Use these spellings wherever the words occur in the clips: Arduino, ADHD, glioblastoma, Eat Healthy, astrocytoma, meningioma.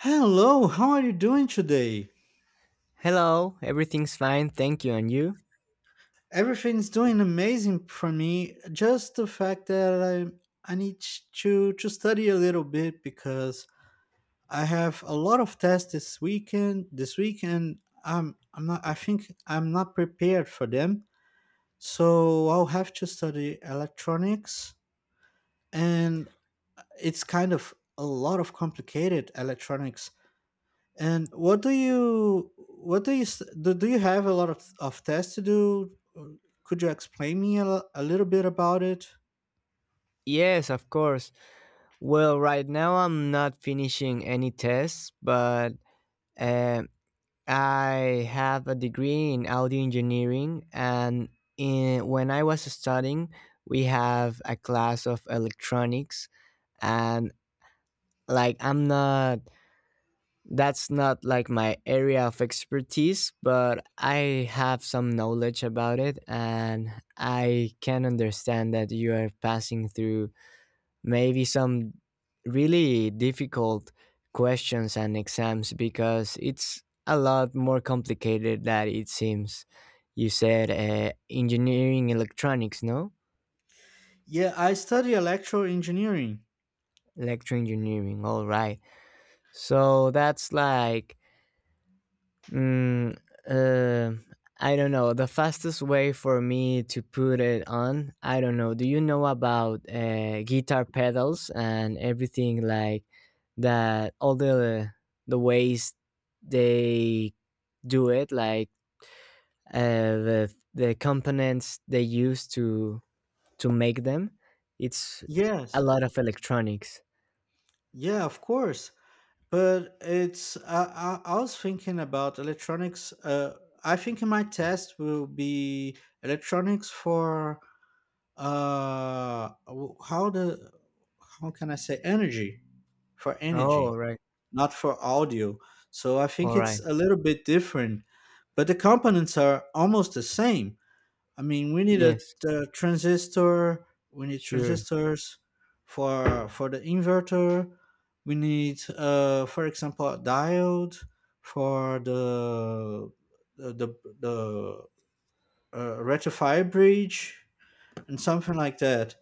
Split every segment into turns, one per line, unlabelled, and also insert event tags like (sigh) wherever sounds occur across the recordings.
Hello, how are you doing today?
Hello, everything's fine, thank you, and you?
Everything's doing amazing for me. Just the fact that I need to study a little bit because I have a lot of tests this weekend. This weekend, I think I'm not prepared for them. So I'll have to study electronics, and it's kind of a lot of complicated electronics. And what do you s- do? Do you have a lot of tests to do? Or could you explain me a little bit about it?
Yes, of course. Well, right now I'm not finishing any tests, but um I have a degree in audio engineering, and when I was studying, we have a class of electronics, and like I'm not that's not like my area of expertise, but I have some knowledge about it and I can understand that you are passing through maybe some really difficult questions and exams because it's a lot more complicated than it seems. You said engineering electronics, no?
Yeah, I study electrical engineering.
Electro engineering, all right. So that's like, Mm, uh, I don't know. The fastest way for me to put it on, I don't know. Do you know about guitar pedals and everything like that? All the ways they do it, like uh, the components they use to make them. It's a
Yes,
lot of electronics.
yeah, of course. But it's I was thinking about electronics. I think my test will be electronics for uh w- how the how can I say energy for
Oh,
energy,
right.
not for audio. So I think
All
it's
right.
a little bit different, but the components are almost the same. I mean, we need
Yes.
we need
Sure.
transistors for the inverter. We need, for example, a diode for the the, the rectifier bridge and something like that.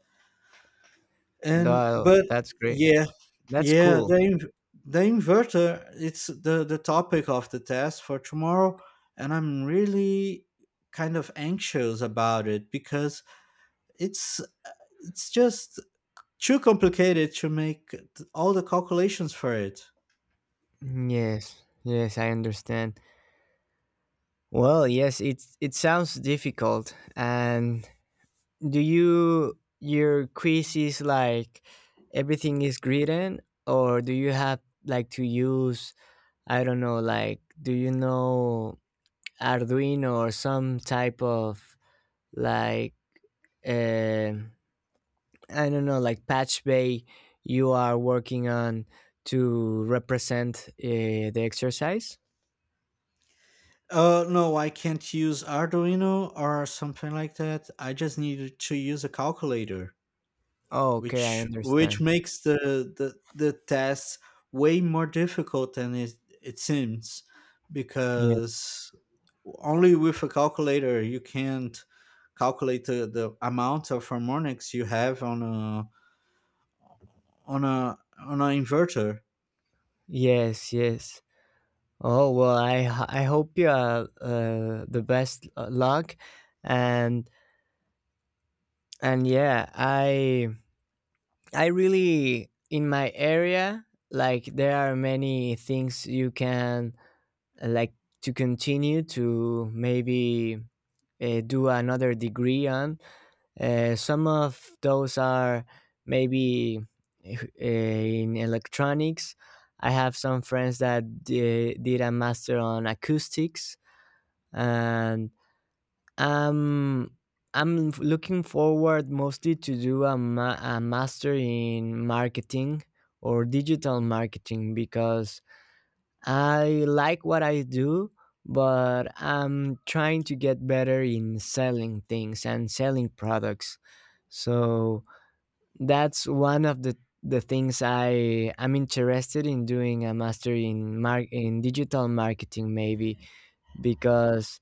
And
Tha-
but
That's great.
yeah,
That's
yeah,
cool.
the inverter, it's the topic of the test for tomorrow, and I'm really kind of anxious about it because it's it's just too complicated to make all the calculations for it.
Yes, yes, I understand. Well, yes, it sounds difficult. And do you your quiz is like everything is written, or do you have like to use, I don't know, like do you know Arduino or some type of, like, uh, I don't know, like patch bay you are working on to represent the exercise?
No, I can't use Arduino or something like that. I just need to use a calculator,
Oh, okay, I
which
understand.
makes the test way more difficult than it seems
Yeah.
because only with a calculator you can't calculate the amount of harmonics you have on a on a on an inverter.
Yes, yes. Oh well, I hope you are the best luck, and yeah, I really in my area like there are many things you can, like, to continue, to maybe do another degree on. Some of those are maybe in electronics. I have some friends that did a master on acoustics, and um, I'm looking forward mostly to do a master in marketing or digital marketing because I like what I do, but I'm trying to get better in selling things and selling products. So that's one of the things I am interested in, doing a master in in digital marketing maybe, because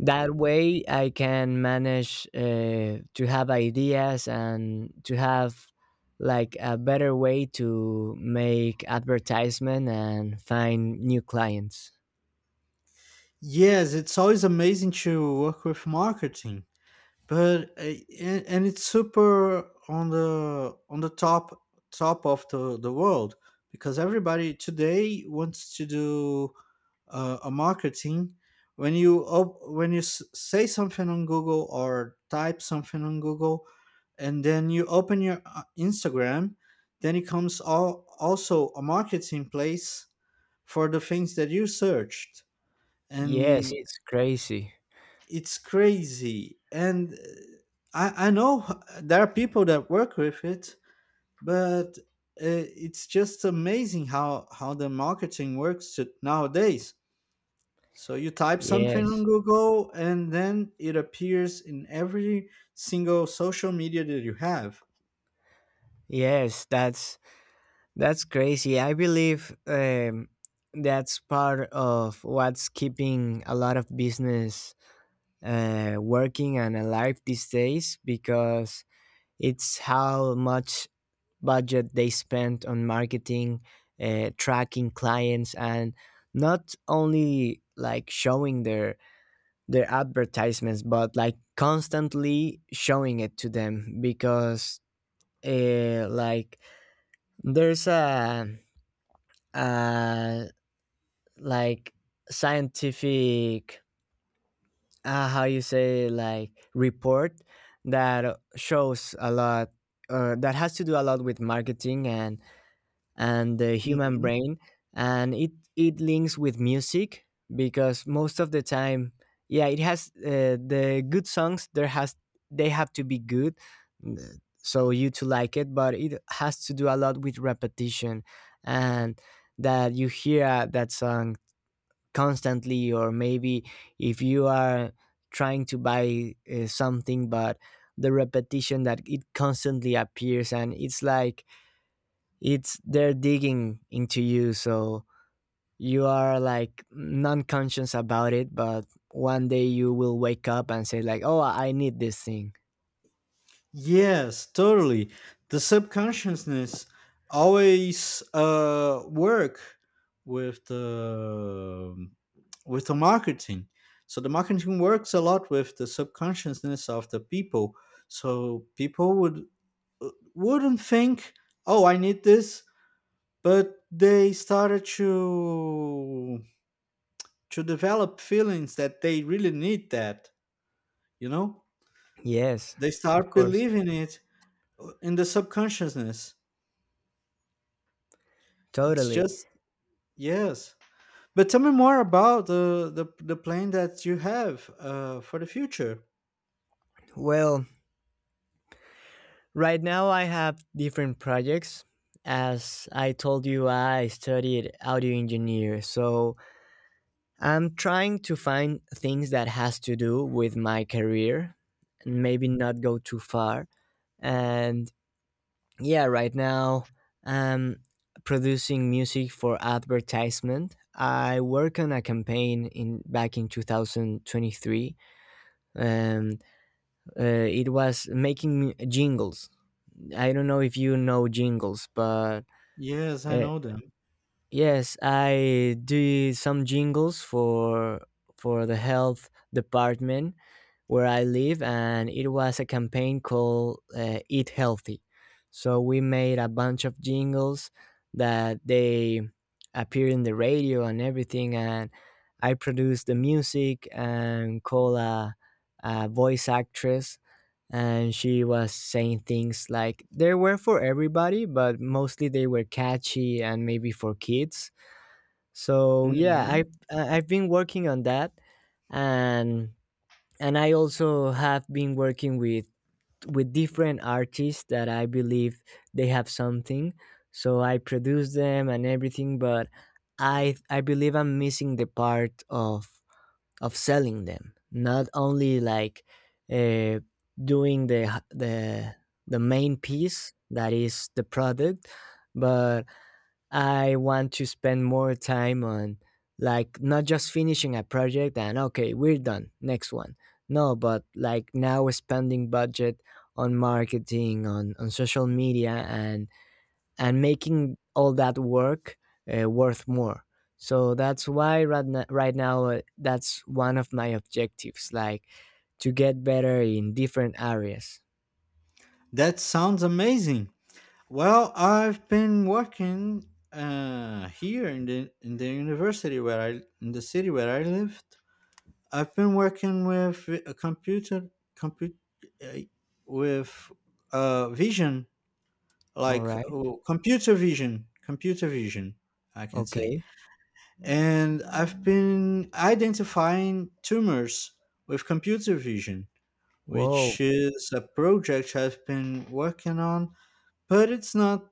that way I can manage to have ideas and to have like a better way to make advertisement and find new clients.
Yes, it's always amazing to work with marketing, but and it's super on the top top of the world because everybody today wants to do a marketing. When you when you say something on Google or type something on Google, and then you open your Instagram, then it comes all, also a marketing place for the things that you searched,
Yes,
and
it's crazy.
it's crazy. And I know there are people that work with it, but it's just amazing how the marketing works to, nowadays. So you type something on
Yes.
Google and then it appears in every single social media that you have.
Yes, that's crazy. I believe that's part of what's keeping a lot of business working and alive these days, because it's how much budget they spend on marketing, tracking clients, and not only like showing their advertisements, but like constantly showing it to them because like there's a, uh, like, scientific, how you say, like, report that shows a lot that has to do a lot with marketing and the human
Mm-hmm.
brain, and it links with music because most of the time, yeah, it has the good songs, there has, they have to be good, mm, so you to like it, but it has to do a lot with repetition and that you hear that song constantly, or maybe if you are trying to buy something, but the repetition that it constantly appears and it's like it's, they're digging into you, so you are like non-conscious about it, but one day you will wake up and say like, oh, I need this thing.
Yes, totally. The subconsciousness always work with the with the marketing. So the marketing works a lot with the subconsciousness of the people. So people would wouldn't think, "Oh, I need this," but they started to develop feelings that they really need that. You know,
Yes,
they
of
start
course.
believing it in the subconsciousness. It's
Totally.
just yes. But tell me more about the plan that you have for the future.
Well, right now I have different projects. As I told you, I studied audio engineer, so I'm trying to find things that has to do with my career and maybe not go too far. And yeah, right now I'm producing music for advertisement. I work on a campaign in back in 2023, and it was making jingles. I don't know if you know jingles, but
Yes, I
uh,
know them.
yes, I do some jingles for the health department where I live, and it was a campaign called "Eat Healthy." So we made a bunch of jingles that they appear in the radio and everything, and I produced the music and call a voice actress, and she was saying things like. They were for everybody, but mostly they were catchy and maybe for kids. So yeah,
Hmm.
I've been working on that, and I also have been working with different artists that I believe they have something, so I produce them and everything, but I believe I'm missing the part of selling them, not only like uh, doing the the main piece that is the product, but I want to spend more time on, like, not just finishing a project and okay, we're done, next one. No, but like now spending budget on marketing, on social media, and making all that work worth more. So that's why right now that's one of my objectives, like to get better in different areas.
That sounds amazing. Well, I've been working here in the university where I in the city where I lived. I've been working with a compute uh, with vision,
All
like
right.
oh, computer vision, I can say.
Okay.
And I've been identifying tumors with computer vision, which
Whoa.
is a project I've been working on, but it's not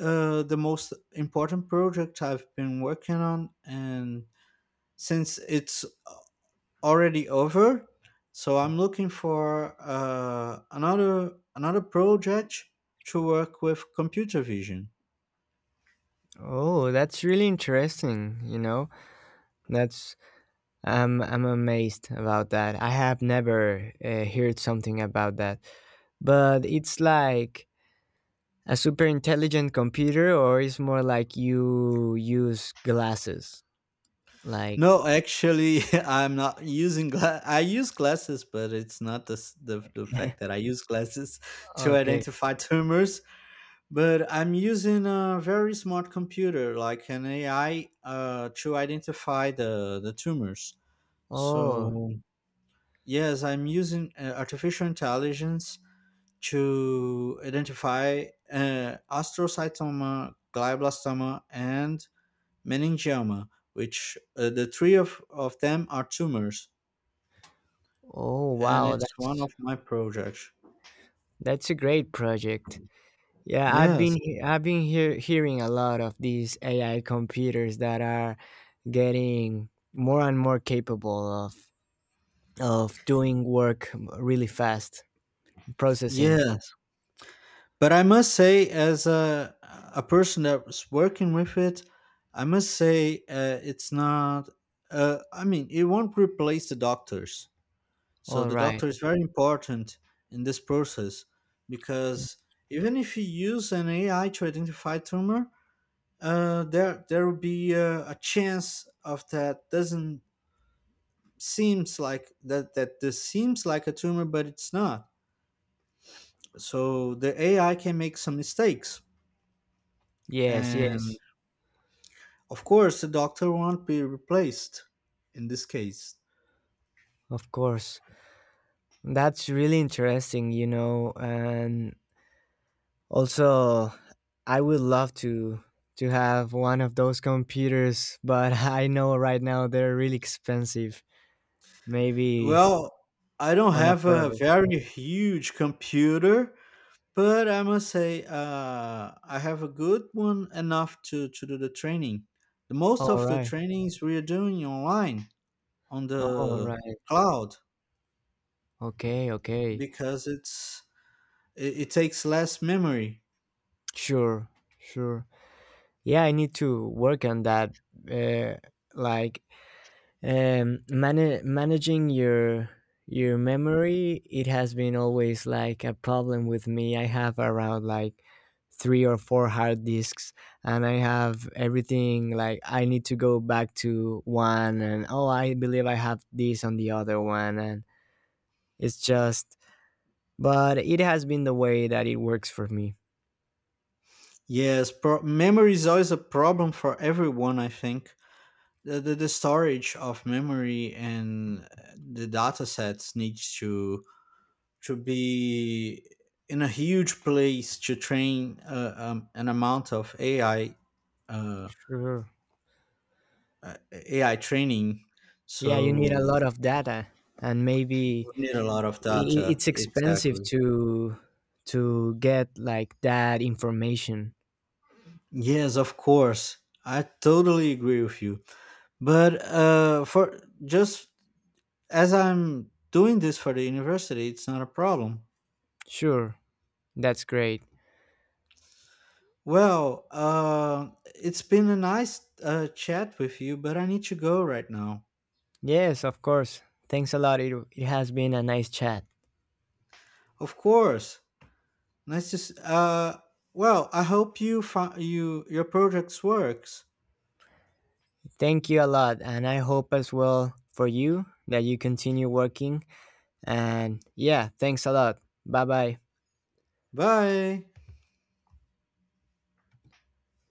the most important project I've been working on. And since it's already over, so I'm looking for another project to work with computer vision.
Oh, that's really interesting. You know, that's I'm amazed about that. I have never heard something about that, but it's like a super intelligent computer, or it's more like you use glasses, like.
No, actually, (laughs) I'm not using I use glasses, but it's not the the fact that I
(laughs)
use glasses (laughs) to
Okay.
identify tumors. But I'm using a very smart computer, like an AI, to identify the tumors.
Oh,
So yes, I'm using artificial intelligence to identify astrocytoma, glioblastoma, and meningioma, which the three of them are tumors,
oh
and
wow,
it's one
that's
of my projects.
a great project. Yeah,
Yes,
I've been hearing a lot of these AI computers that are getting more and more capable of doing work really fast, processing.
yes. But I must say, as a person that's working with it, I must say it's not. I mean, it won't replace the doctors. So
All
the doctor
right.
is very important in this process, because even if you use an AI to identify tumor, there will be a chance of that doesn't seems like that that this seems like a tumor but it's not. So the AI can make some mistakes,
Yes,
and
yes.
of course the doctor won't be replaced in this case.
Of course. That's really interesting, and also, I would love to have one of those computers, but (laughs) I know right now they're really expensive, maybe
Well, I don't have a
unaffordable.
very huge computer, but I must say I have a good one enough to do the training. The most
All
of the
right.
trainings we're doing online on
All
the
right.
cloud
Okay, okay.
because it it takes less memory.
Sure, sure. Yeah, I need to work on that. Uh, like, managing your memory, it has been always like a problem with me. I have around like three or four hard disks, and I have everything, like I need to go back to one and, oh, I believe I have this on the other one, and it's just, but it has been the way that it works for me.
Yes, memory is always a problem for everyone, I think. The, the storage of memory and the data sets needs to be in a huge place to train an amount of AI uh,
Sure.
AI training.
Yeah, you need a
So
lot of data, and maybe
we need a lot of data.
it's expensive
Exactly.
to get like that information.
Yes, of course. I totally agree with you. But for just, as I'm doing this for the university, it's not a problem.
Sure, that's great.
Well, it's been a nice chat with you, but I need to go right now.
Yes, of course. Thanks a lot. It has been a nice chat.
Of course, nice to. s- Uh, well, I hope you you your projects works.
Thank you a lot, and I hope as well for you that you continue working, and yeah, thanks a lot. Bye bye
Bye.